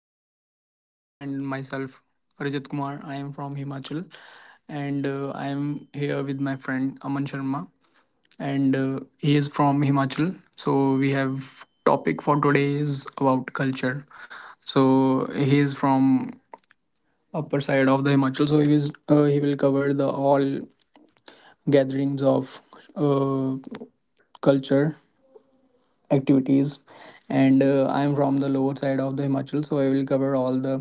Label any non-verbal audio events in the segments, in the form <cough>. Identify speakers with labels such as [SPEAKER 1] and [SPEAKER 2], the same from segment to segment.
[SPEAKER 1] for the podcast, and myself, Rajat Kumar. I am from Himachal, and I am here with my friend Aman Sharma, and he is from Himachal. So we have topic for today is about culture. So he is from upper side of the Himachal. So he will cover the all gatherings of uh, culture activities and I'm from the lower side of the Himachal. So I will cover all the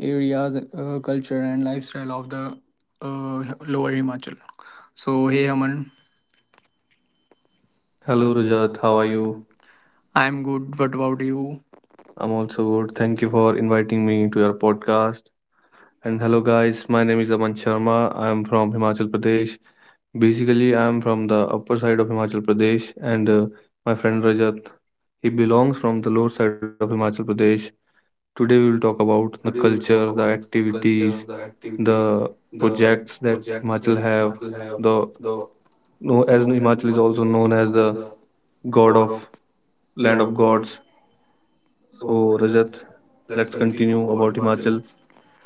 [SPEAKER 1] areas, culture and lifestyle of the lower Himachal. So hey Aman, hello Rajat, how
[SPEAKER 2] Hello
[SPEAKER 1] are you?
[SPEAKER 2] Rajat, how are you?
[SPEAKER 1] I'm good, what about you? Also good,
[SPEAKER 2] I'm
[SPEAKER 1] thank you
[SPEAKER 2] also
[SPEAKER 1] for
[SPEAKER 2] good. Thank you
[SPEAKER 1] inviting me
[SPEAKER 2] for
[SPEAKER 1] to your
[SPEAKER 2] inviting me to your
[SPEAKER 1] podcast.
[SPEAKER 2] podcast.
[SPEAKER 1] Hello guys,
[SPEAKER 2] And
[SPEAKER 1] my
[SPEAKER 2] hello
[SPEAKER 1] name is
[SPEAKER 2] guys,
[SPEAKER 1] Aman
[SPEAKER 2] my name
[SPEAKER 1] Sharma.
[SPEAKER 2] is Aman
[SPEAKER 1] I'm from
[SPEAKER 2] Sharma.
[SPEAKER 1] Himachal
[SPEAKER 2] I'm from
[SPEAKER 1] Pradesh.
[SPEAKER 2] Himachal Pradesh.
[SPEAKER 1] Basically, I'm from the
[SPEAKER 2] Basically, I'm
[SPEAKER 1] upper
[SPEAKER 2] from
[SPEAKER 1] side
[SPEAKER 2] the
[SPEAKER 1] of Himachal
[SPEAKER 2] upper side of
[SPEAKER 1] Pradesh,
[SPEAKER 2] Himachal
[SPEAKER 1] and
[SPEAKER 2] Pradesh,
[SPEAKER 1] my
[SPEAKER 2] and
[SPEAKER 1] friend
[SPEAKER 2] my
[SPEAKER 1] Rajat,
[SPEAKER 2] friend Rajat,
[SPEAKER 1] he belongs
[SPEAKER 2] he
[SPEAKER 1] from the lower
[SPEAKER 2] belongs
[SPEAKER 1] side of
[SPEAKER 2] from the lower
[SPEAKER 1] Himachal
[SPEAKER 2] side of
[SPEAKER 1] Pradesh.
[SPEAKER 2] Himachal Pradesh.
[SPEAKER 1] Today, we will talk
[SPEAKER 2] Today we
[SPEAKER 1] about
[SPEAKER 2] will
[SPEAKER 1] the
[SPEAKER 2] talk about
[SPEAKER 1] culture,
[SPEAKER 2] the
[SPEAKER 1] the
[SPEAKER 2] culture, the
[SPEAKER 1] activities,
[SPEAKER 2] activities,
[SPEAKER 1] the
[SPEAKER 2] the
[SPEAKER 1] projects that
[SPEAKER 2] projects that
[SPEAKER 1] Himachal have.
[SPEAKER 2] Himachal
[SPEAKER 1] The
[SPEAKER 2] have. The
[SPEAKER 1] no, as
[SPEAKER 2] No,
[SPEAKER 1] Himachal is
[SPEAKER 2] as
[SPEAKER 1] also
[SPEAKER 2] Himachal
[SPEAKER 1] known
[SPEAKER 2] is
[SPEAKER 1] as
[SPEAKER 2] also
[SPEAKER 1] the
[SPEAKER 2] known as the
[SPEAKER 1] god of
[SPEAKER 2] God of
[SPEAKER 1] land of gods.
[SPEAKER 2] Land of Gods.
[SPEAKER 1] So, Rajat,
[SPEAKER 2] So, Rajat,
[SPEAKER 1] let's continue
[SPEAKER 2] let's
[SPEAKER 1] about
[SPEAKER 2] continue
[SPEAKER 1] Himachal.
[SPEAKER 2] about Himachal.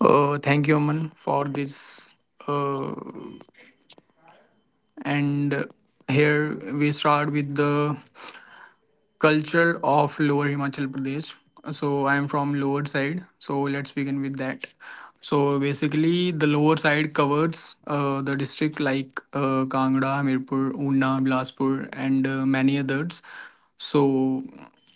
[SPEAKER 1] Thank you, Aman, for this. Uh, and here we start with the culture of lower Himachal Pradesh. So I am from lower side. So let's begin with that. So basically, the lower side covers the district like Kangra, Hamirpur, Una, Bilaspur, and many others. So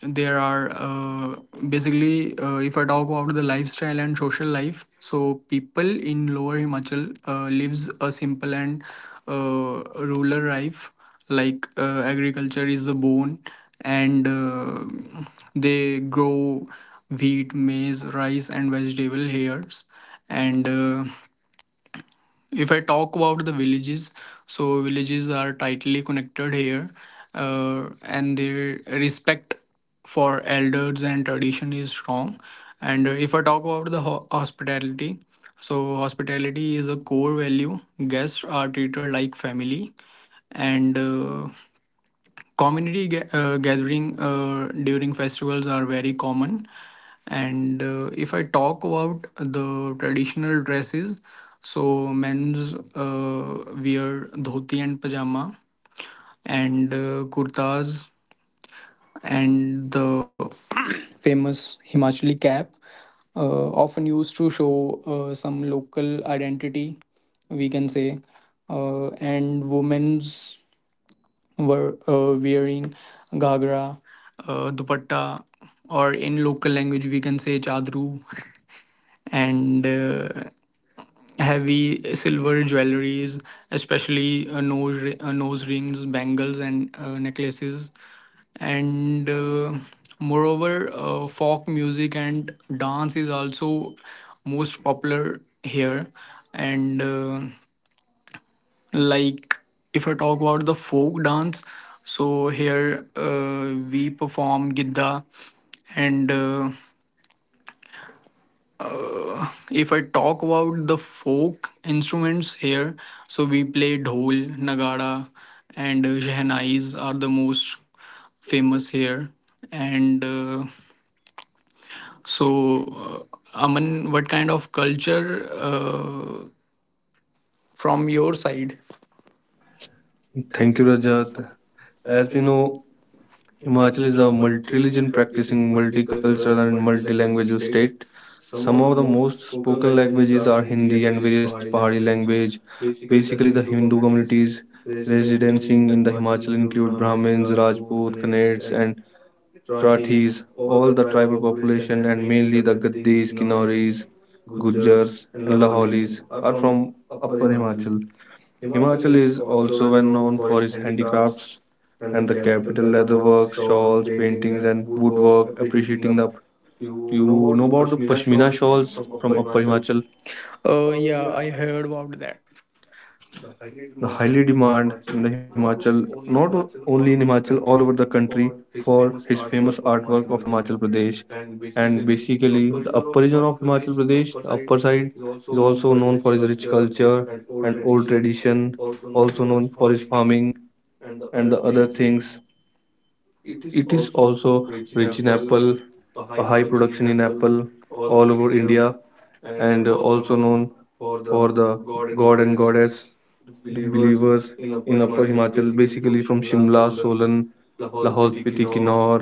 [SPEAKER 1] there are basically, if I talk about the lifestyle and social life, so people in lower Himachal lives a simple and rural life, like agriculture is the bone, and they grow wheat, maize, rice and vegetable here. And if I talk about the villages, so villages are tightly connected here, and their respect for elders and tradition is strong. And if I talk about the hospitality, so hospitality is a core value, guests are treated like family, and community gathering during festivals are very common. And if I talk about the traditional dresses, so men's wear dhoti and pajama, and kurtas, and the <coughs> <clears throat> famous Himachali cap, often used to show some local identity, we can say. And women's were wearing ghagra, dupatta, or in local language we can say chadru, <laughs> and heavy silver jewelries, especially nose rings, bangles, and necklaces, and moreover, folk music and dance is also most popular here, and like if I talk about the folk dance, so here we perform gidda. And if I talk about the folk instruments here, so we play dhol nagara, and shehnais are the most famous here. And so uh, Aman, what kind of culture from your side? Thank you,
[SPEAKER 2] Thank you,
[SPEAKER 1] Rajas.
[SPEAKER 2] Rajat.
[SPEAKER 1] As you
[SPEAKER 2] As we
[SPEAKER 1] know,
[SPEAKER 2] know,
[SPEAKER 1] imagine
[SPEAKER 2] Himachal
[SPEAKER 1] a
[SPEAKER 2] is a
[SPEAKER 1] multi-religion
[SPEAKER 2] multi-religion
[SPEAKER 1] practicing
[SPEAKER 2] practicing,
[SPEAKER 1] multicultural
[SPEAKER 2] multicultural
[SPEAKER 1] and
[SPEAKER 2] and
[SPEAKER 1] multilingual
[SPEAKER 2] multilingual
[SPEAKER 1] state.
[SPEAKER 2] state.
[SPEAKER 1] Some
[SPEAKER 2] Some
[SPEAKER 1] of the
[SPEAKER 2] of the
[SPEAKER 1] most
[SPEAKER 2] most
[SPEAKER 1] spoken
[SPEAKER 2] spoken
[SPEAKER 1] languages
[SPEAKER 2] languages
[SPEAKER 1] are
[SPEAKER 2] are
[SPEAKER 1] Hindi
[SPEAKER 2] Hindi
[SPEAKER 1] and
[SPEAKER 2] and
[SPEAKER 1] various
[SPEAKER 2] various
[SPEAKER 1] Pahari
[SPEAKER 2] Pahari
[SPEAKER 1] language.
[SPEAKER 2] language.
[SPEAKER 1] Basically,
[SPEAKER 2] Basically,
[SPEAKER 1] the
[SPEAKER 2] the
[SPEAKER 1] Hindu
[SPEAKER 2] Hindu
[SPEAKER 1] communities
[SPEAKER 2] communities
[SPEAKER 1] residing
[SPEAKER 2] residing
[SPEAKER 1] in the
[SPEAKER 2] in the
[SPEAKER 1] Himachal
[SPEAKER 2] Himachal
[SPEAKER 1] include
[SPEAKER 2] include
[SPEAKER 1] Brahmins,
[SPEAKER 2] Brahmins,
[SPEAKER 1] Rajputs,
[SPEAKER 2] Rajput,
[SPEAKER 1] Kannades,
[SPEAKER 2] Kannades,
[SPEAKER 1] and
[SPEAKER 2] and
[SPEAKER 1] Rathis,
[SPEAKER 2] Rathis.
[SPEAKER 1] all
[SPEAKER 2] All
[SPEAKER 1] the
[SPEAKER 2] the
[SPEAKER 1] tribal
[SPEAKER 2] tribal
[SPEAKER 1] population
[SPEAKER 2] population
[SPEAKER 1] and
[SPEAKER 2] and
[SPEAKER 1] mainly the
[SPEAKER 2] mainly the
[SPEAKER 1] Gaddis,
[SPEAKER 2] Gaddis,
[SPEAKER 1] Kinnaris,
[SPEAKER 2] Kinauris,
[SPEAKER 1] Gujars
[SPEAKER 2] Gujars,
[SPEAKER 1] and
[SPEAKER 2] and
[SPEAKER 1] Laholis
[SPEAKER 2] Laholis
[SPEAKER 1] are
[SPEAKER 2] are
[SPEAKER 1] from
[SPEAKER 2] from
[SPEAKER 1] Upper
[SPEAKER 2] Upper
[SPEAKER 1] Himachal.
[SPEAKER 2] Himachal.
[SPEAKER 1] Himachal
[SPEAKER 2] Himachal
[SPEAKER 1] is
[SPEAKER 2] is
[SPEAKER 1] also
[SPEAKER 2] also
[SPEAKER 1] well
[SPEAKER 2] well
[SPEAKER 1] known
[SPEAKER 2] known
[SPEAKER 1] for
[SPEAKER 2] for
[SPEAKER 1] its
[SPEAKER 2] its
[SPEAKER 1] handicrafts
[SPEAKER 2] handicrafts
[SPEAKER 1] and the
[SPEAKER 2] and the
[SPEAKER 1] capital
[SPEAKER 2] capital
[SPEAKER 1] leatherwork,
[SPEAKER 2] leatherwork,
[SPEAKER 1] shawls,
[SPEAKER 2] shawls,
[SPEAKER 1] paintings
[SPEAKER 2] paintings,
[SPEAKER 1] and
[SPEAKER 2] and
[SPEAKER 1] woodwork,
[SPEAKER 2] woodwork.
[SPEAKER 1] appreciating the you
[SPEAKER 2] You
[SPEAKER 1] know
[SPEAKER 2] know about
[SPEAKER 1] about
[SPEAKER 2] the
[SPEAKER 1] pashmina
[SPEAKER 2] pashmina
[SPEAKER 1] shawls
[SPEAKER 2] shawls
[SPEAKER 1] from
[SPEAKER 2] from
[SPEAKER 1] Upper
[SPEAKER 2] Upper
[SPEAKER 1] Himachal?
[SPEAKER 2] Himachal.
[SPEAKER 1] Oh,
[SPEAKER 2] Oh
[SPEAKER 1] yeah,
[SPEAKER 2] yeah.
[SPEAKER 1] I heard about that. The
[SPEAKER 2] The
[SPEAKER 1] Haggard
[SPEAKER 2] highly
[SPEAKER 1] Mart
[SPEAKER 2] demand
[SPEAKER 1] in the
[SPEAKER 2] in the
[SPEAKER 1] Himachal,
[SPEAKER 2] Himachal,
[SPEAKER 1] not
[SPEAKER 2] not
[SPEAKER 1] only in
[SPEAKER 2] only in
[SPEAKER 1] Himachal,
[SPEAKER 2] Himachal,
[SPEAKER 1] all over
[SPEAKER 2] all over
[SPEAKER 1] the
[SPEAKER 2] the
[SPEAKER 1] country
[SPEAKER 2] country
[SPEAKER 1] for
[SPEAKER 2] for
[SPEAKER 1] his
[SPEAKER 2] his
[SPEAKER 1] famous
[SPEAKER 2] famous
[SPEAKER 1] artwork
[SPEAKER 2] artwork
[SPEAKER 1] of
[SPEAKER 2] of
[SPEAKER 1] Himachal
[SPEAKER 2] Himachal
[SPEAKER 1] Pradesh.
[SPEAKER 2] Pradesh.
[SPEAKER 1] And
[SPEAKER 2] And
[SPEAKER 1] basically,
[SPEAKER 2] basically,
[SPEAKER 1] the
[SPEAKER 2] the
[SPEAKER 1] upper
[SPEAKER 2] upper
[SPEAKER 1] region
[SPEAKER 2] region
[SPEAKER 1] of
[SPEAKER 2] of
[SPEAKER 1] Himachal
[SPEAKER 2] Himachal
[SPEAKER 1] Pradesh,
[SPEAKER 2] Pradesh,
[SPEAKER 1] the
[SPEAKER 2] the
[SPEAKER 1] upper
[SPEAKER 2] upper
[SPEAKER 1] side,
[SPEAKER 2] side,
[SPEAKER 1] is
[SPEAKER 2] is
[SPEAKER 1] also
[SPEAKER 2] also
[SPEAKER 1] known for
[SPEAKER 2] known
[SPEAKER 1] its
[SPEAKER 2] for his
[SPEAKER 1] rich
[SPEAKER 2] rich
[SPEAKER 1] culture
[SPEAKER 2] culture
[SPEAKER 1] and
[SPEAKER 2] and
[SPEAKER 1] old
[SPEAKER 2] old
[SPEAKER 1] tradition,
[SPEAKER 2] tradition,
[SPEAKER 1] also
[SPEAKER 2] also
[SPEAKER 1] known
[SPEAKER 2] known
[SPEAKER 1] for
[SPEAKER 2] for
[SPEAKER 1] its
[SPEAKER 2] his
[SPEAKER 1] farming
[SPEAKER 2] farming
[SPEAKER 1] and the
[SPEAKER 2] and the
[SPEAKER 1] other
[SPEAKER 2] other
[SPEAKER 1] things.
[SPEAKER 2] things.
[SPEAKER 1] It
[SPEAKER 2] It
[SPEAKER 1] is
[SPEAKER 2] is
[SPEAKER 1] also
[SPEAKER 2] also
[SPEAKER 1] rich in
[SPEAKER 2] rich in
[SPEAKER 1] apple,
[SPEAKER 2] apple,
[SPEAKER 1] a
[SPEAKER 2] a
[SPEAKER 1] high
[SPEAKER 2] high
[SPEAKER 1] production in
[SPEAKER 2] production in
[SPEAKER 1] apple
[SPEAKER 2] apple
[SPEAKER 1] all
[SPEAKER 2] all
[SPEAKER 1] over
[SPEAKER 2] over
[SPEAKER 1] India,
[SPEAKER 2] India,
[SPEAKER 1] and
[SPEAKER 2] and
[SPEAKER 1] also
[SPEAKER 2] also
[SPEAKER 1] known
[SPEAKER 2] known
[SPEAKER 1] for
[SPEAKER 2] for
[SPEAKER 1] the
[SPEAKER 2] the
[SPEAKER 1] god
[SPEAKER 2] god
[SPEAKER 1] and
[SPEAKER 2] and
[SPEAKER 1] goddess
[SPEAKER 2] goddess,
[SPEAKER 1] its
[SPEAKER 2] the
[SPEAKER 1] believers
[SPEAKER 2] believers
[SPEAKER 1] in
[SPEAKER 2] in
[SPEAKER 1] Upper
[SPEAKER 2] Upper
[SPEAKER 1] Himachal,
[SPEAKER 2] Himachal,
[SPEAKER 1] basically
[SPEAKER 2] basically
[SPEAKER 1] from
[SPEAKER 2] from
[SPEAKER 1] Shimla,
[SPEAKER 2] Shimla,
[SPEAKER 1] Solan,
[SPEAKER 2] Solan,
[SPEAKER 1] Lahore
[SPEAKER 2] Lahol
[SPEAKER 1] Spiti,
[SPEAKER 2] Spiti,
[SPEAKER 1] Kinnaur,
[SPEAKER 2] Kinnaur,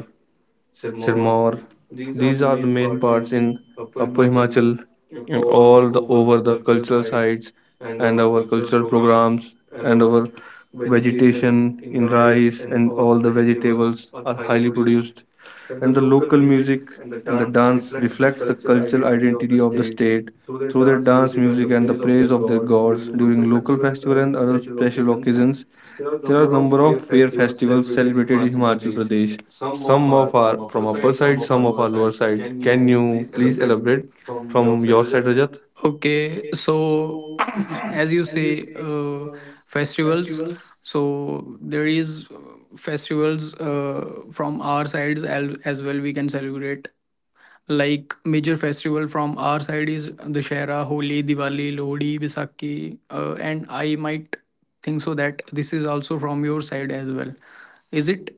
[SPEAKER 1] Sirmaur.
[SPEAKER 2] Sirmaur.
[SPEAKER 1] These
[SPEAKER 2] These
[SPEAKER 1] are the
[SPEAKER 2] are the
[SPEAKER 1] main
[SPEAKER 2] main
[SPEAKER 1] parts
[SPEAKER 2] parts
[SPEAKER 1] in
[SPEAKER 2] in
[SPEAKER 1] Upper
[SPEAKER 2] Upper
[SPEAKER 1] Himachal,
[SPEAKER 2] Himachal, and
[SPEAKER 1] all the
[SPEAKER 2] all the
[SPEAKER 1] over
[SPEAKER 2] over
[SPEAKER 1] the
[SPEAKER 2] the
[SPEAKER 1] cultural
[SPEAKER 2] cultural
[SPEAKER 1] sites
[SPEAKER 2] sites
[SPEAKER 1] and
[SPEAKER 2] and
[SPEAKER 1] our
[SPEAKER 2] our
[SPEAKER 1] cultural
[SPEAKER 2] cultural
[SPEAKER 1] programs
[SPEAKER 2] programs
[SPEAKER 1] and
[SPEAKER 2] and
[SPEAKER 1] our
[SPEAKER 2] our
[SPEAKER 1] vegetation
[SPEAKER 2] vegetation
[SPEAKER 1] in
[SPEAKER 2] in
[SPEAKER 1] rice
[SPEAKER 2] rice
[SPEAKER 1] and
[SPEAKER 2] and
[SPEAKER 1] all the
[SPEAKER 2] all the
[SPEAKER 1] vegetables
[SPEAKER 2] vegetables
[SPEAKER 1] are
[SPEAKER 2] are
[SPEAKER 1] highly
[SPEAKER 2] highly
[SPEAKER 1] produced.
[SPEAKER 2] produced,
[SPEAKER 1] And the
[SPEAKER 2] and the
[SPEAKER 1] local
[SPEAKER 2] local
[SPEAKER 1] music
[SPEAKER 2] music
[SPEAKER 1] and the
[SPEAKER 2] and the
[SPEAKER 1] dance
[SPEAKER 2] dance
[SPEAKER 1] reflect the
[SPEAKER 2] reflects the
[SPEAKER 1] cultural
[SPEAKER 2] cultural
[SPEAKER 1] identity
[SPEAKER 2] identity
[SPEAKER 1] of the
[SPEAKER 2] of the
[SPEAKER 1] state
[SPEAKER 2] state
[SPEAKER 1] through
[SPEAKER 2] through
[SPEAKER 1] their
[SPEAKER 2] their
[SPEAKER 1] dance
[SPEAKER 2] dance
[SPEAKER 1] music
[SPEAKER 2] music
[SPEAKER 1] and the
[SPEAKER 2] and the
[SPEAKER 1] praise
[SPEAKER 2] praise
[SPEAKER 1] of their
[SPEAKER 2] of their
[SPEAKER 1] god
[SPEAKER 2] gods
[SPEAKER 1] during the
[SPEAKER 2] during
[SPEAKER 1] local
[SPEAKER 2] local
[SPEAKER 1] festival
[SPEAKER 2] festival
[SPEAKER 1] and
[SPEAKER 2] and
[SPEAKER 1] other
[SPEAKER 2] other
[SPEAKER 1] special
[SPEAKER 2] special
[SPEAKER 1] occasions.
[SPEAKER 2] occasions.
[SPEAKER 1] There are
[SPEAKER 2] There
[SPEAKER 1] a
[SPEAKER 2] are a
[SPEAKER 1] number
[SPEAKER 2] number
[SPEAKER 1] of
[SPEAKER 2] of
[SPEAKER 1] fair
[SPEAKER 2] fair
[SPEAKER 1] festivals
[SPEAKER 2] festivals
[SPEAKER 1] celebrated in
[SPEAKER 2] celebrated in
[SPEAKER 1] Madhya
[SPEAKER 2] Himachal
[SPEAKER 1] Pradesh.
[SPEAKER 2] Pradesh.
[SPEAKER 1] Some
[SPEAKER 2] Some
[SPEAKER 1] of
[SPEAKER 2] of
[SPEAKER 1] are
[SPEAKER 2] are
[SPEAKER 1] from
[SPEAKER 2] from
[SPEAKER 1] upper
[SPEAKER 2] upper
[SPEAKER 1] side,
[SPEAKER 2] side,
[SPEAKER 1] some
[SPEAKER 2] some
[SPEAKER 1] of are
[SPEAKER 2] of are
[SPEAKER 1] lower
[SPEAKER 2] lower
[SPEAKER 1] side.
[SPEAKER 2] side.
[SPEAKER 1] Can
[SPEAKER 2] Can
[SPEAKER 1] you
[SPEAKER 2] you
[SPEAKER 1] please
[SPEAKER 2] please
[SPEAKER 1] elaborate
[SPEAKER 2] elaborate
[SPEAKER 1] from your
[SPEAKER 2] from
[SPEAKER 1] side,
[SPEAKER 2] your side,
[SPEAKER 1] Rajat?
[SPEAKER 2] Rajat?
[SPEAKER 1] Okay, so <clears throat> as you say, festivals. So there is festivals from our sides as well. We can celebrate like major festival from our side is Dussehra, Holi, Diwali, Lodi, Baisakhi, and I might think so that this is also from your side as well. Is it?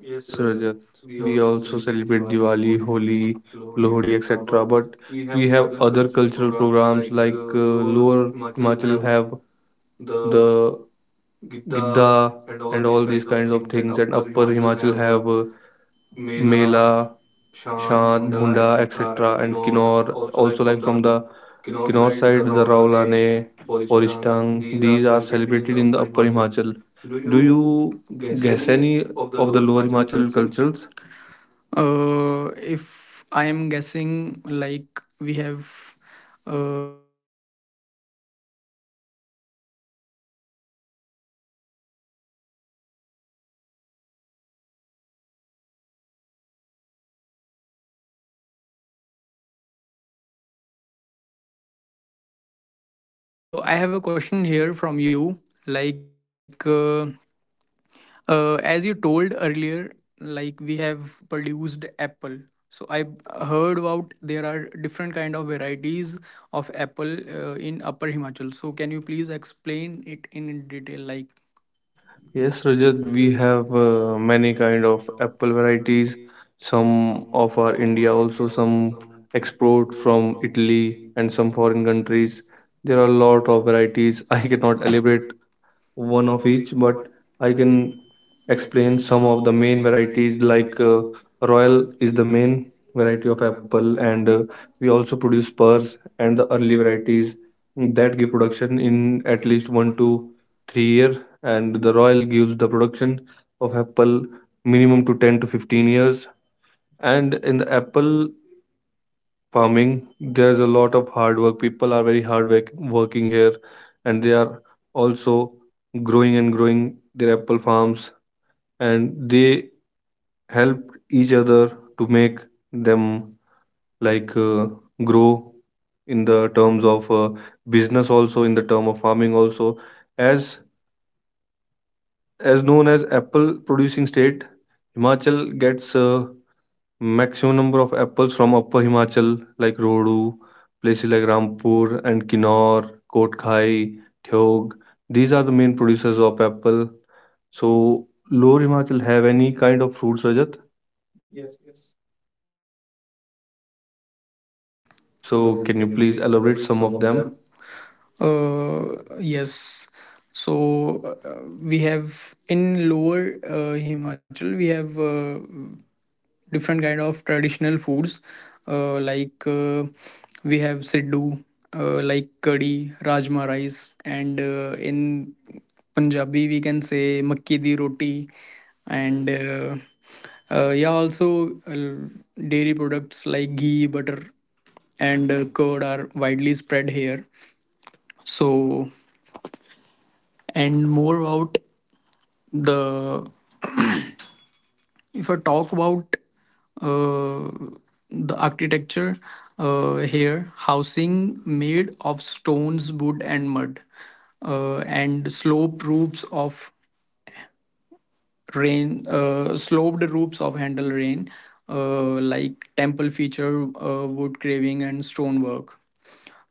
[SPEAKER 1] Yes,
[SPEAKER 2] Yes,
[SPEAKER 1] Rajat.
[SPEAKER 2] Rajat.
[SPEAKER 1] We
[SPEAKER 2] We
[SPEAKER 1] also
[SPEAKER 2] also
[SPEAKER 1] celebrate
[SPEAKER 2] celebrate
[SPEAKER 1] Diwali,
[SPEAKER 2] Diwali,
[SPEAKER 1] Holi,
[SPEAKER 2] Holi,
[SPEAKER 1] Lohri,
[SPEAKER 2] Lohri,
[SPEAKER 1] etc. But
[SPEAKER 2] etc. But
[SPEAKER 1] we have
[SPEAKER 2] we have
[SPEAKER 1] other
[SPEAKER 2] other
[SPEAKER 1] cultural
[SPEAKER 2] cultural
[SPEAKER 1] programs
[SPEAKER 2] programs
[SPEAKER 1] like
[SPEAKER 2] like
[SPEAKER 1] Lower
[SPEAKER 2] Lower
[SPEAKER 1] Himachal
[SPEAKER 2] Himachal
[SPEAKER 1] have
[SPEAKER 2] have
[SPEAKER 1] the
[SPEAKER 2] the
[SPEAKER 1] Gidda
[SPEAKER 2] Gidda
[SPEAKER 1] and all
[SPEAKER 2] and
[SPEAKER 1] these
[SPEAKER 2] all these
[SPEAKER 1] kinds of
[SPEAKER 2] kinds of
[SPEAKER 1] things, and
[SPEAKER 2] things, and
[SPEAKER 1] Upper
[SPEAKER 2] Upper
[SPEAKER 1] Himachal
[SPEAKER 2] Himachal
[SPEAKER 1] have
[SPEAKER 2] have
[SPEAKER 1] Mela,
[SPEAKER 2] Mela
[SPEAKER 1] Shant,
[SPEAKER 2] Shan,
[SPEAKER 1] Bhunda,
[SPEAKER 2] Bhunda,
[SPEAKER 1] etc.,
[SPEAKER 2] etc.,
[SPEAKER 1] and
[SPEAKER 2] and
[SPEAKER 1] Kinnaur.
[SPEAKER 2] Kinnor.
[SPEAKER 1] Also, like
[SPEAKER 2] Also,
[SPEAKER 1] from
[SPEAKER 2] like from
[SPEAKER 1] the
[SPEAKER 2] the
[SPEAKER 1] Kinnaur
[SPEAKER 2] Kinnor
[SPEAKER 1] side, the
[SPEAKER 2] side, the
[SPEAKER 1] Raulane,
[SPEAKER 2] Raulane,
[SPEAKER 1] Polishtang,
[SPEAKER 2] Oristang,
[SPEAKER 1] these are
[SPEAKER 2] these are
[SPEAKER 1] celebrated in
[SPEAKER 2] celebrated
[SPEAKER 1] the
[SPEAKER 2] in the
[SPEAKER 1] Upper
[SPEAKER 2] Upper
[SPEAKER 1] Himachal.
[SPEAKER 2] Himachal.
[SPEAKER 1] Do
[SPEAKER 2] Do
[SPEAKER 1] you
[SPEAKER 2] you
[SPEAKER 1] guess
[SPEAKER 2] guess
[SPEAKER 1] any
[SPEAKER 2] any
[SPEAKER 1] of the
[SPEAKER 2] of the
[SPEAKER 1] Lower
[SPEAKER 2] Lower
[SPEAKER 1] Himachal
[SPEAKER 2] Himachal
[SPEAKER 1] cultures?
[SPEAKER 2] cultures?
[SPEAKER 1] If I am guessing, like we have here celebrating Shivratri fairs in Mandi, and we have fairs like Jwalamukhi and Chintpurni temple fair. So yeah, there is also different kind of fair that we have celebrated here. So I have a question here from you. Like uh, as you told earlier, like we have produced apple. So I heard about there are different kind of varieties of apple in Upper Himachal. So can you please explain it in detail? Like,
[SPEAKER 2] Yes,
[SPEAKER 1] yes,
[SPEAKER 2] Rajat, we
[SPEAKER 1] Rajat, we
[SPEAKER 2] have
[SPEAKER 1] have
[SPEAKER 2] many
[SPEAKER 1] many
[SPEAKER 2] kind of
[SPEAKER 1] kind of
[SPEAKER 2] apple
[SPEAKER 1] apple
[SPEAKER 2] varieties.
[SPEAKER 1] varieties.
[SPEAKER 2] Some
[SPEAKER 1] Some
[SPEAKER 2] of our
[SPEAKER 1] of our
[SPEAKER 2] India,
[SPEAKER 1] India
[SPEAKER 2] also
[SPEAKER 1] also,
[SPEAKER 2] some
[SPEAKER 1] some
[SPEAKER 2] export
[SPEAKER 1] export
[SPEAKER 2] from
[SPEAKER 1] from
[SPEAKER 2] Italy
[SPEAKER 1] Italy
[SPEAKER 2] and some
[SPEAKER 1] and some
[SPEAKER 2] foreign
[SPEAKER 1] foreign
[SPEAKER 2] countries.
[SPEAKER 1] countries.
[SPEAKER 2] There are a
[SPEAKER 1] There are a
[SPEAKER 2] lot of
[SPEAKER 1] lot of
[SPEAKER 2] varieties. <laughs> I
[SPEAKER 1] varieties. I
[SPEAKER 2] cannot
[SPEAKER 1] cannot
[SPEAKER 2] elaborate
[SPEAKER 1] elaborate
[SPEAKER 2] one of
[SPEAKER 1] one of
[SPEAKER 2] each,
[SPEAKER 1] each,
[SPEAKER 2] but
[SPEAKER 1] but
[SPEAKER 2] I
[SPEAKER 1] I
[SPEAKER 2] can
[SPEAKER 1] can
[SPEAKER 2] explain
[SPEAKER 1] explain
[SPEAKER 2] some of
[SPEAKER 1] some
[SPEAKER 2] the
[SPEAKER 1] of the
[SPEAKER 2] main
[SPEAKER 1] main
[SPEAKER 2] varieties.
[SPEAKER 1] varieties.
[SPEAKER 2] Like
[SPEAKER 1] Like
[SPEAKER 2] Royal
[SPEAKER 1] Royal
[SPEAKER 2] is the
[SPEAKER 1] is the
[SPEAKER 2] main
[SPEAKER 1] main
[SPEAKER 2] variety of
[SPEAKER 1] variety of
[SPEAKER 2] apple,
[SPEAKER 1] apple,
[SPEAKER 2] and
[SPEAKER 1] and
[SPEAKER 2] we
[SPEAKER 1] we
[SPEAKER 2] also
[SPEAKER 1] also
[SPEAKER 2] produce
[SPEAKER 1] produce
[SPEAKER 2] Spurs
[SPEAKER 1] Spurs
[SPEAKER 2] and the
[SPEAKER 1] and the
[SPEAKER 2] early
[SPEAKER 1] early
[SPEAKER 2] varieties
[SPEAKER 1] varieties. Hmm,
[SPEAKER 2] that give
[SPEAKER 1] that give
[SPEAKER 2] production
[SPEAKER 1] production
[SPEAKER 2] in
[SPEAKER 1] in
[SPEAKER 2] at
[SPEAKER 1] at
[SPEAKER 2] least
[SPEAKER 1] least
[SPEAKER 2] one
[SPEAKER 1] one
[SPEAKER 2] to
[SPEAKER 1] two.
[SPEAKER 2] three year, and the Royal gives the production of apple minimum to 10 to 15 years. And in the apple farming, there's a lot of hard work, people are very working here, and they are also growing and growing their apple farms, and they help each other to make them like grow in the terms of business, also in the term of farming, also as as known as apple producing state. Himachal gets maximum number of apples from Upper Himachal, like Rodu, places like Rampur and Kinnaur, Kotkhai, Theog. These are the main producers of apple. So, Lower Himachal have any kind of fruits, Rajat? Yes, yes. So,
[SPEAKER 1] So,
[SPEAKER 2] can you
[SPEAKER 1] can you
[SPEAKER 2] please
[SPEAKER 1] please
[SPEAKER 2] elaborate
[SPEAKER 1] elaborate
[SPEAKER 2] some
[SPEAKER 1] some
[SPEAKER 2] of
[SPEAKER 1] of
[SPEAKER 2] them?
[SPEAKER 1] them? Yes. So we have in lower Himachal we have different kind of traditional foods, uh, like uh, we have siddu, like curry, rajma rice, and in Punjabi we can say makki di roti, and yeah also dairy products like ghee, butter, and curd are widely spread here. So and more about the if I talk about uh, the architecture, here housing made of stones, wood and mud, and sloped roofs of handle rain, like temple feature wood carving and stonework.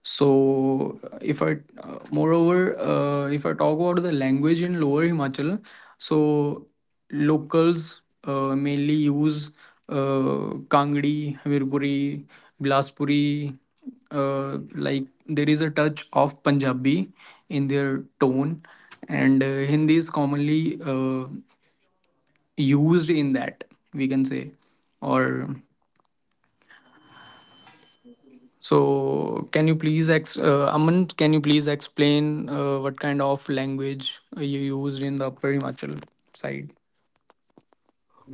[SPEAKER 1] So, if I, moreover, if I talk about the language in Lower Himachal, so locals mainly use Kangdi, Hamirpuri, Bilaspuri. Like there is a touch of Punjabi in their tone, and Hindi is commonly used in that we can say, or so, can you please, Aman, can you please explain what kind of language you used in the Perimachal side?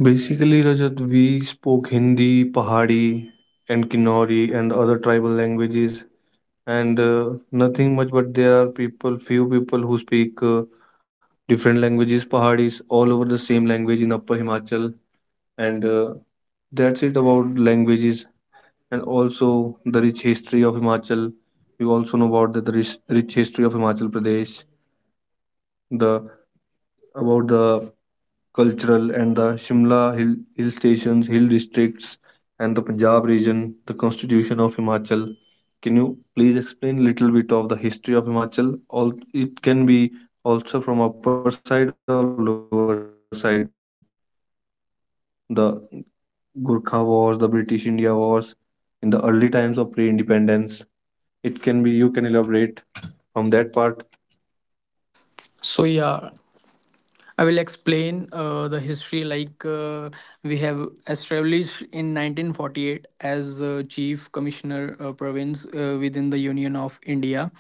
[SPEAKER 2] Basically, Rajat, we spoke Hindi, Pahari, and Kinnauri and other tribal languages, and nothing much, but there are people few people who speak different languages. Pahadis all over the same language in Upper Himachal, and that's it about languages. And also the rich history of Himachal. You also know about the rich history of Himachal Pradesh, the about the cultural and the Shimla hill stations, hill districts, and the Punjab region, the constitution of Himachal. Can you please explain little bit of the history of Himachal? All it can be also from upper side or lower side. The Gurkha wars, the British India wars in the early times of pre-independence. It can be You can elaborate from that part.
[SPEAKER 1] So yeah, I will explain the history. Like we have established in 1948 as Chief Commissioner Province within the Union of India.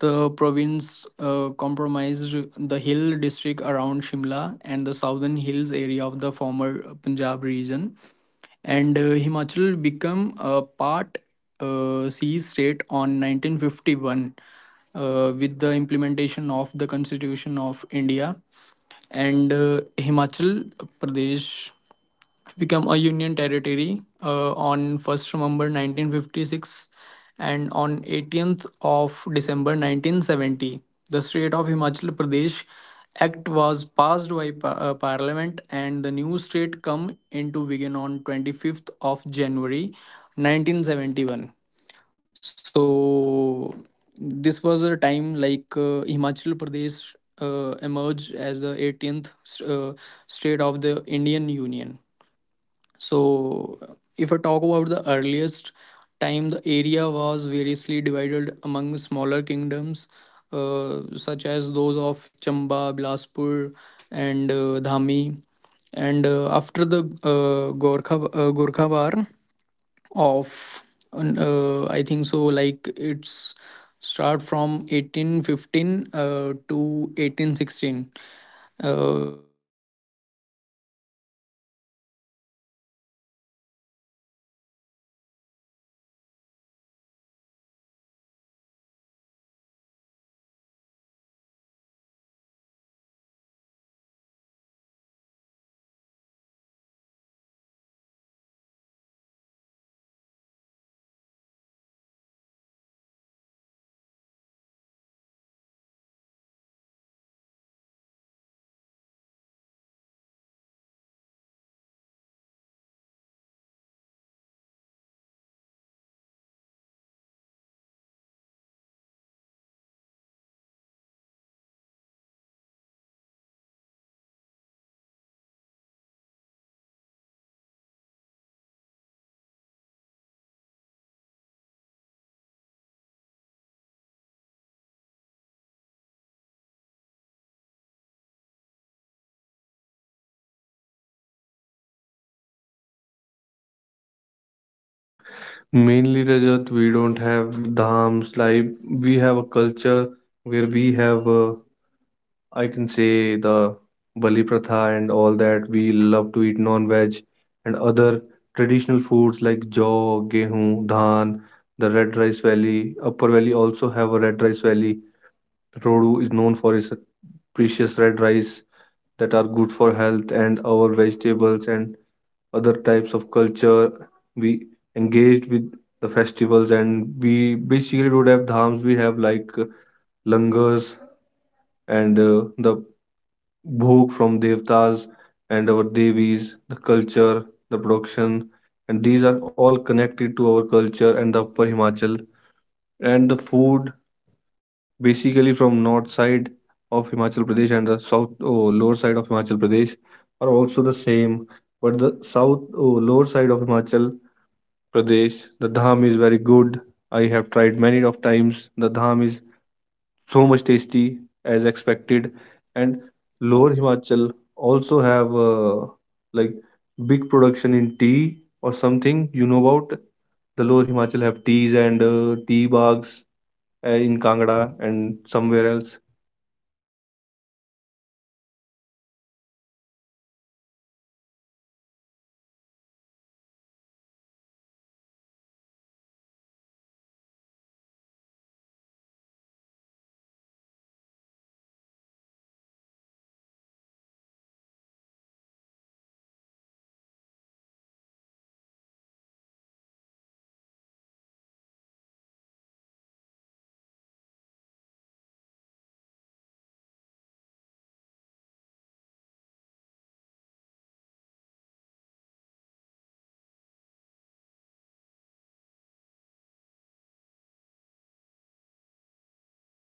[SPEAKER 1] The province comprised the hill district around Shimla and the southern hills area of the former Punjab region. And Himachal became a part sea state on 1951 with the implementation of the Constitution of India. And Himachal Pradesh become a Union territory on 1st November 1956 and on 18th of December 1970. The state of Himachal Pradesh Act was passed by Parliament and the new state come into being on 25th of January 1971. So this was a time like Himachal Pradesh emerged as the 18th uh, state of the Indian Union. So, if I talk about the earliest time, the area was variously divided among smaller kingdoms, such as those of Chamba, Bilaspur, and Dhami. And after the Gorkha Gurkha War of, I think so, like it's start from 1815 to 1816. It's become the part of the British India. So yeah, this was the mainly history of Himachal Pradesh. So let's talk about the Dham traditions in, Himachal Pradesh. So if I talk about the lower side or if so like people mainly make dham, and they served on the leaf of plates and prepared by traditional cooks, in himachali we can say them botis, and guest sits on long lines, symbol which is the mainly symbol of equality. And we can say dham strengthens the social harmony and bonding. So Aman, can you uh, please give me the information, like how you celebrate the dham from upper side?
[SPEAKER 2] Mainly, Rajat, we don't have dhams like we have a culture where we have. I can say the Bali Pratha and all that. We love to eat non-veg and other traditional foods like jaw, gehu, dhan, the Red Rice Valley. Upper Valley also have a Red Rice Valley. Rodu is known for its precious red rice that are good for health and our vegetables and other types of culture. We engaged with the festivals, and we basically don't have dhams. We have like langars, and the bhog from devtas and our devis, the culture, the production, and these are all connected to our culture and the Upper Himachal. And the food, basically from north side of Himachal Pradesh and the south or lower side of Himachal Pradesh, are also the same. But the south or lower side of Himachal Pradesh, the dham is very good. I have tried many of times. The dham is so much tasty as expected, and Lower Himachal also have like big production in tea or something. You know about the Lower Himachal have teas and tea bags in Kangra and somewhere else.
[SPEAKER 1] Uh yeah i uh heard about this, like in Palampur we have tea gardens, and we also have like in lower we mainly depend upon the wheats uh, and grain. So this was the mainly fields we have worked on. So to continue with, I would like to continue with the Devi Devtas. Like in Himachal, we believe more in Devi Devtas. So, what do you think about the Devi Devtas? Like,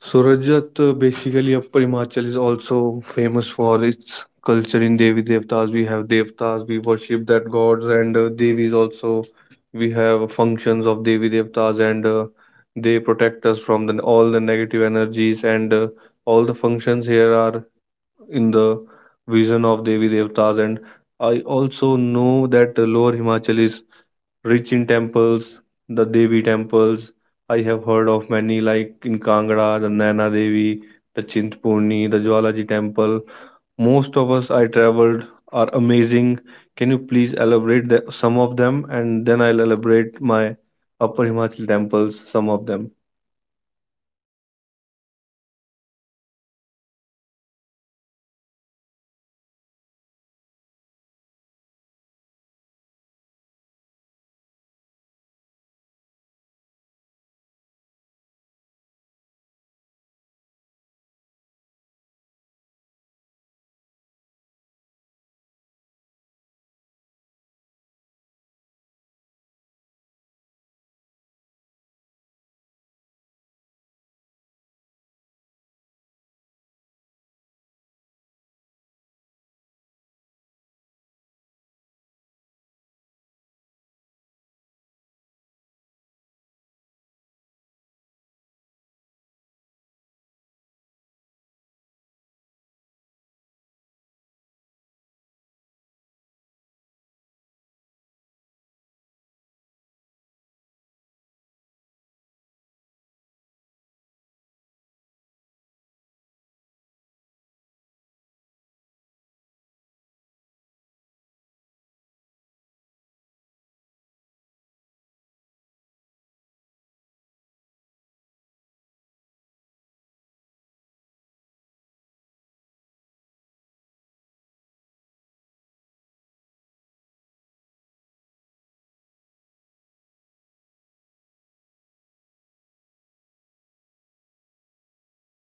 [SPEAKER 2] So Rajat, basically Upper Himachal is also famous for its culture in Devi Devtas. We have Devtas, we worship that gods, and Devis also. We have functions of Devi Devtas, and they protect us from all the negative energies. And all the functions here are in the vision of Devi Devtas. And I also know that Lower Himachal is rich in temples, the Devi temples. I have heard of many like in Kangra, the Naina Devi, the Chintpurni, the Jwalaji temple. Most of us I traveled are amazing. Can you please elaborate some of them, and then I'll elaborate my Upper Himachal temples, some of them.
[SPEAKER 1] so it's a very great questions you ask from me. Like, as we all know, Himachal Pradesh is often called as the Devi Devbhoomi, or we can say that like the land of gods. So because at almost every village has its own devi and devtas. Like, gods are not distant, they are living member of our community. So we have major devis like Ma Jwalamukhi, which is situated in Kangra, and the most important part in this, like one of ma jwalamukhi is one of the 51 shakti peets. Like, and we have ma chintapurni, as you already mentioned. And <clears throat> the location for this temple is una. And we have like ma Naina devi, ma Brijeshwari, Ma Chamunda, and we have Ma Kali, and like there are so many Devi Devtas in our side. I also can't remember some of them. So, like, can you please explain how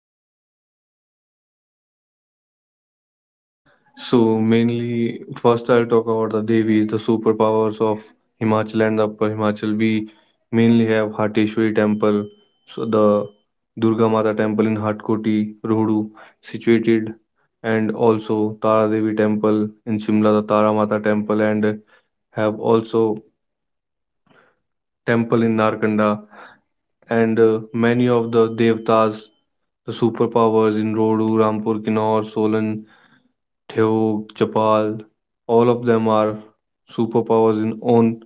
[SPEAKER 1] Devi Devtas are from your sides?
[SPEAKER 2] So mainly, first I'll talk about the Devis, the superpowers of Himachal and the Upper Himachal. We mainly have Hatteshwari Temple, so the Durga Mata Temple in Hatkoti, Rohdu, situated, and also Tara Devi Temple in Shimla, the Tara Mata Temple, and have also temple in Narkanda, and many of the Devtas, the superpowers in Rohdu, Rampur, Kinnaur, Solan, Teog, Chapal, all of them are superpowers in own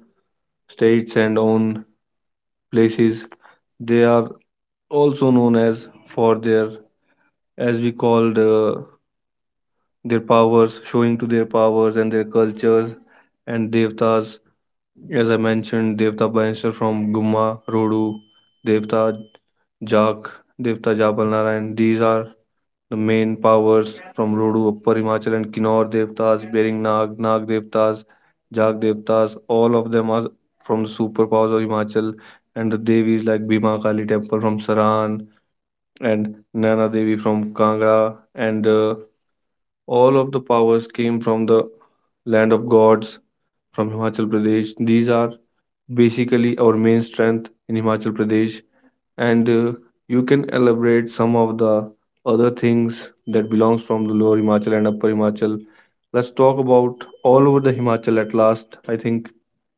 [SPEAKER 2] states and own places. They are also known as for their, as we called, their powers, showing to their powers and their cultures and devtas. As I mentioned, Devta Bannister from Gumma, Rodu, Devta Jak, Devta Jabal Narayan. These are the main powers from Rodu, Upper Himachal, and Kinnaur Devtas, Bering Nag, Nag Devtas, Jag Devtas, all of them are from the superpowers of Himachal, and the devis like Bhima Kali Temple from Saran and Naina Devi from Kangra, and all of the powers came from the land of gods from Himachal Pradesh. These are basically our main strength in Himachal Pradesh, and you can elaborate some of the other things that belongs from the lower Himachal and upper Himachal. Let's talk about all over the Himachal at last. I think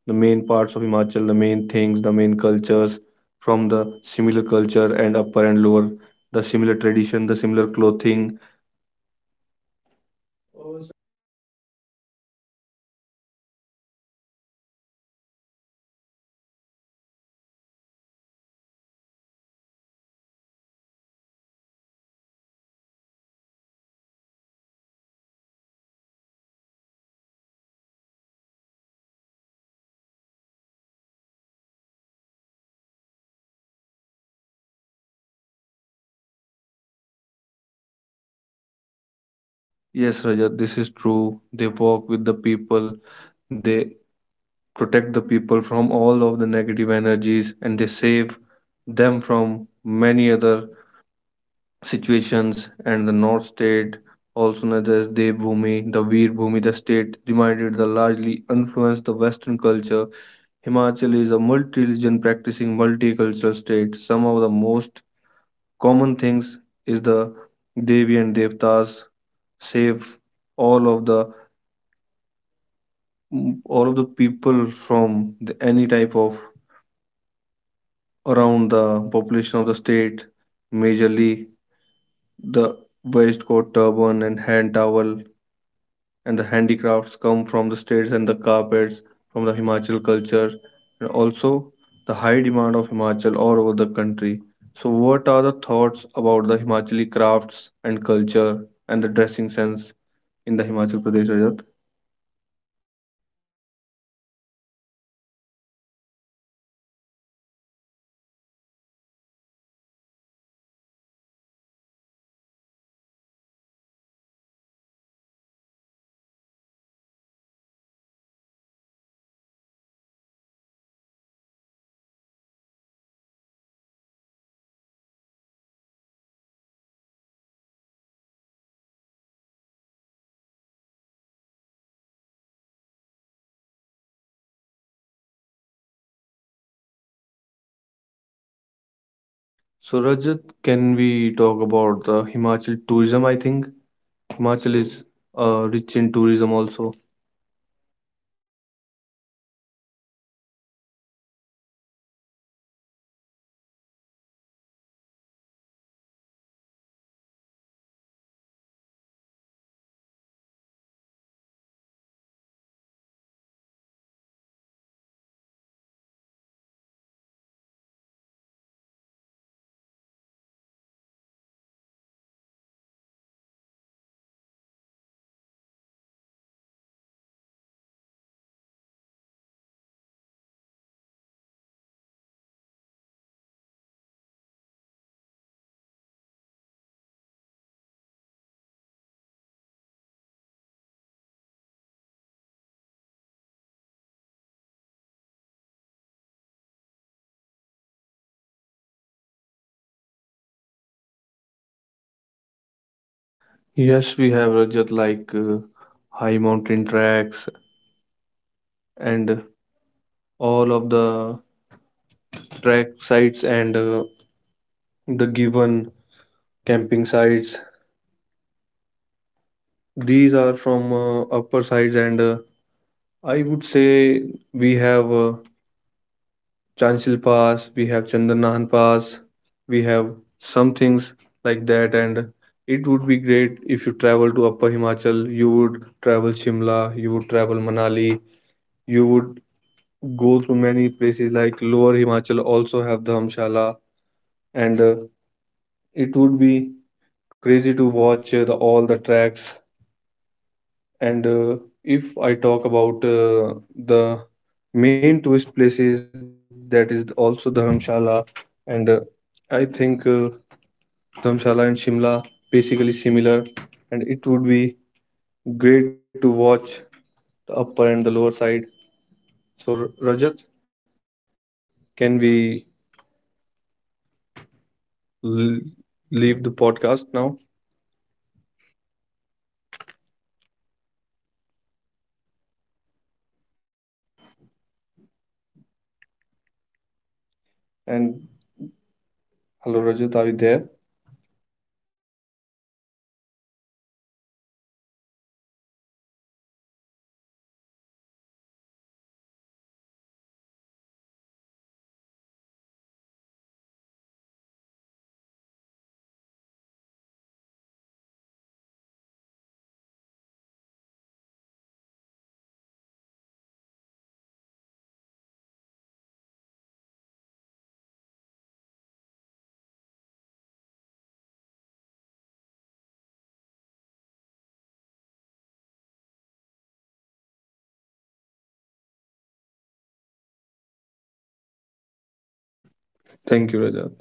[SPEAKER 2] the main parts of Himachal, the main things, the main cultures from the similar culture and upper and lower, the similar tradition, the similar clothing.
[SPEAKER 1] So yeah, Aman. In the end, I would like to say, from my perspective, I think so that all over Himachal, gods do not live only in temples. They walk with people, speak with them, and guide the entire village. From my perspective, I would say. So, what do you think about that? Is it true or is it is the myth?
[SPEAKER 2] Yes,
[SPEAKER 1] Yes,
[SPEAKER 2] Rajat,
[SPEAKER 1] Rajat,
[SPEAKER 2] this is
[SPEAKER 1] this is
[SPEAKER 2] true.
[SPEAKER 1] true.
[SPEAKER 2] They
[SPEAKER 1] They
[SPEAKER 2] walk
[SPEAKER 1] work
[SPEAKER 2] with
[SPEAKER 1] with
[SPEAKER 2] the
[SPEAKER 1] the people.
[SPEAKER 2] people, they protect the people from all of the negative energies, and they save them from many other situations, and the North State, also known as Devbhumi, the Veerbhumi, the state divided the largely influenced the Western culture. Himachal is a multi-religion practicing multicultural state. Some of the most common things is the Devi and Devtas save all of the all of the people from any type of around the population of the state, majorly the waistcoat, turban, and hand towel, and the handicrafts come from the states, and the carpets from the Himachal culture, and also the high demand of Himachal all over the country. So what are the thoughts about the Himachali crafts and culture and the dressing sense in the Himachal Pradesh, Rajat?
[SPEAKER 1] So yeah, Aman, as I mentioned earlier, so basically in lower Himachal, we used to wear a kurta, pajamas, pant shirt, and all over the Gen Z's stuff. And for if I talk about the women, so women basically wear uh, shawls, and or I, what would I say, like what they wear.
[SPEAKER 2] So
[SPEAKER 1] So
[SPEAKER 2] Rajat,
[SPEAKER 1] Rajat,
[SPEAKER 2] can
[SPEAKER 1] can
[SPEAKER 2] we
[SPEAKER 1] we
[SPEAKER 2] talk
[SPEAKER 1] talk
[SPEAKER 2] about
[SPEAKER 1] about
[SPEAKER 2] the
[SPEAKER 1] the Himachal
[SPEAKER 2] Himachal
[SPEAKER 1] tourism?
[SPEAKER 2] tourism? I
[SPEAKER 1] I
[SPEAKER 2] think
[SPEAKER 1] think. Himachal.
[SPEAKER 2] Himachal
[SPEAKER 1] So,
[SPEAKER 2] is rich in tourism also.
[SPEAKER 1] so yeah, I would say like in Himachal there are, basically Himachal is also the second tourism spots all over the India. So there are many tourism spots. We have like in Shimla, in Manali, and there are many tracks over here where foreigners are also welcomed here. So there are, can you please give me some details? Like, I would say I'm not aware of many of the tourism spots in upper side. As I say, in my side there are temples, as I mentioned, like nana devi, and we have Jwalamukhi. But I do not know much about the upper side, so can you please elaborate some of them? Yes,
[SPEAKER 2] Yes,
[SPEAKER 1] we
[SPEAKER 2] we have
[SPEAKER 1] have
[SPEAKER 2] Rajat
[SPEAKER 1] Rajat,
[SPEAKER 2] like
[SPEAKER 1] like high
[SPEAKER 2] high
[SPEAKER 1] mountain
[SPEAKER 2] mountain
[SPEAKER 1] tracks
[SPEAKER 2] tracks
[SPEAKER 1] and
[SPEAKER 2] and
[SPEAKER 1] all
[SPEAKER 2] all of
[SPEAKER 1] of the
[SPEAKER 2] the track
[SPEAKER 1] track sites,
[SPEAKER 2] sites,
[SPEAKER 1] and
[SPEAKER 2] and the
[SPEAKER 1] the given
[SPEAKER 2] given camping
[SPEAKER 1] camping
[SPEAKER 2] sites.
[SPEAKER 1] sites. These
[SPEAKER 2] These
[SPEAKER 1] are
[SPEAKER 2] are
[SPEAKER 1] from
[SPEAKER 2] from
[SPEAKER 1] upper
[SPEAKER 2] upper sides,
[SPEAKER 1] side. And
[SPEAKER 2] and
[SPEAKER 1] I
[SPEAKER 2] I
[SPEAKER 1] would
[SPEAKER 2] would say
[SPEAKER 1] say
[SPEAKER 2] we
[SPEAKER 1] we
[SPEAKER 2] have
[SPEAKER 1] have
[SPEAKER 2] Chanchil
[SPEAKER 1] Chanchil
[SPEAKER 2] Pass,
[SPEAKER 1] Pass,
[SPEAKER 2] we
[SPEAKER 1] we
[SPEAKER 2] have
[SPEAKER 1] have
[SPEAKER 2] Chandanahan
[SPEAKER 1] Chandanahan
[SPEAKER 2] Pass,
[SPEAKER 1] Pass,
[SPEAKER 2] we
[SPEAKER 1] we
[SPEAKER 2] have
[SPEAKER 1] have
[SPEAKER 2] some
[SPEAKER 1] some
[SPEAKER 2] things
[SPEAKER 1] things like
[SPEAKER 2] like
[SPEAKER 1] that.
[SPEAKER 2] that, and
[SPEAKER 1] And it
[SPEAKER 2] it
[SPEAKER 1] would
[SPEAKER 2] would be
[SPEAKER 1] be great
[SPEAKER 2] great
[SPEAKER 1] if
[SPEAKER 2] if
[SPEAKER 1] you
[SPEAKER 2] you
[SPEAKER 1] travel
[SPEAKER 2] travel to
[SPEAKER 1] to
[SPEAKER 2] Upper
[SPEAKER 1] Upper
[SPEAKER 2] Himachal,
[SPEAKER 1] Himachal,
[SPEAKER 2] you
[SPEAKER 1] you would
[SPEAKER 2] would
[SPEAKER 1] travel
[SPEAKER 2] travel Shimla,
[SPEAKER 1] Shimla, you
[SPEAKER 2] you would
[SPEAKER 1] would travel
[SPEAKER 2] travel Manali,
[SPEAKER 1] Manali,
[SPEAKER 2] you
[SPEAKER 1] you
[SPEAKER 2] would
[SPEAKER 1] would
[SPEAKER 2] go
[SPEAKER 1] go to
[SPEAKER 2] to many
[SPEAKER 1] many places.
[SPEAKER 2] places.
[SPEAKER 1] Like
[SPEAKER 2] Like Lower
[SPEAKER 1] Lower Himachal
[SPEAKER 2] Himachal
[SPEAKER 1] also
[SPEAKER 2] also
[SPEAKER 1] have
[SPEAKER 2] have Dhamshala,
[SPEAKER 1] Dharamshala, and
[SPEAKER 2] and
[SPEAKER 1] it
[SPEAKER 2] it
[SPEAKER 1] would
[SPEAKER 2] would be
[SPEAKER 1] be crazy
[SPEAKER 2] crazy
[SPEAKER 1] to
[SPEAKER 2] to
[SPEAKER 1] watch
[SPEAKER 2] watch
[SPEAKER 1] the,
[SPEAKER 2] the
[SPEAKER 1] all the
[SPEAKER 2] all the
[SPEAKER 1] tracks.
[SPEAKER 2] tracks.
[SPEAKER 1] And
[SPEAKER 2] And uh,
[SPEAKER 1] if
[SPEAKER 2] if
[SPEAKER 1] I
[SPEAKER 2] I
[SPEAKER 1] talk
[SPEAKER 2] talk
[SPEAKER 1] about
[SPEAKER 2] about
[SPEAKER 1] the
[SPEAKER 2] the
[SPEAKER 1] main
[SPEAKER 2] main
[SPEAKER 1] tourist
[SPEAKER 2] tourist
[SPEAKER 1] places, that
[SPEAKER 2] places,
[SPEAKER 1] is
[SPEAKER 2] that is
[SPEAKER 1] also
[SPEAKER 2] also
[SPEAKER 1] Dharamshala.
[SPEAKER 2] Dharamshala.
[SPEAKER 1] And
[SPEAKER 2] And
[SPEAKER 1] I
[SPEAKER 2] I
[SPEAKER 1] think
[SPEAKER 2] think
[SPEAKER 1] the back
[SPEAKER 2] Dharamshala and Shimla basically similar, and it would be great to watch
[SPEAKER 1] of Bari, the
[SPEAKER 2] the
[SPEAKER 1] lower
[SPEAKER 2] upper
[SPEAKER 1] side.
[SPEAKER 2] and the lower side.
[SPEAKER 1] So
[SPEAKER 2] So
[SPEAKER 1] Rajat,
[SPEAKER 2] Rajat,
[SPEAKER 1] can we
[SPEAKER 2] can we
[SPEAKER 1] l-
[SPEAKER 2] l-
[SPEAKER 1] leave the podcast
[SPEAKER 2] leave the
[SPEAKER 1] now?
[SPEAKER 2] podcast now?
[SPEAKER 1] And
[SPEAKER 2] And
[SPEAKER 1] hello Rajat, are you
[SPEAKER 2] hello,
[SPEAKER 1] there?
[SPEAKER 2] Rajat, are you there?
[SPEAKER 1] Yeah, Manya, I'm there. Sorry for the delay. Like I have network issue in my area. So in the end, I would like to say that in Himachal, culture is faith, faith is life, and life flaunts with nature. From Devi Devtas to festivals, from fields to folk, everything is connected. This was not just a podcast episode, but a glimpse into a living traditions. So, धन्यवाद and जय देव भूमि Himachal. Thank you, brother.
[SPEAKER 2] Thank you, Rajat.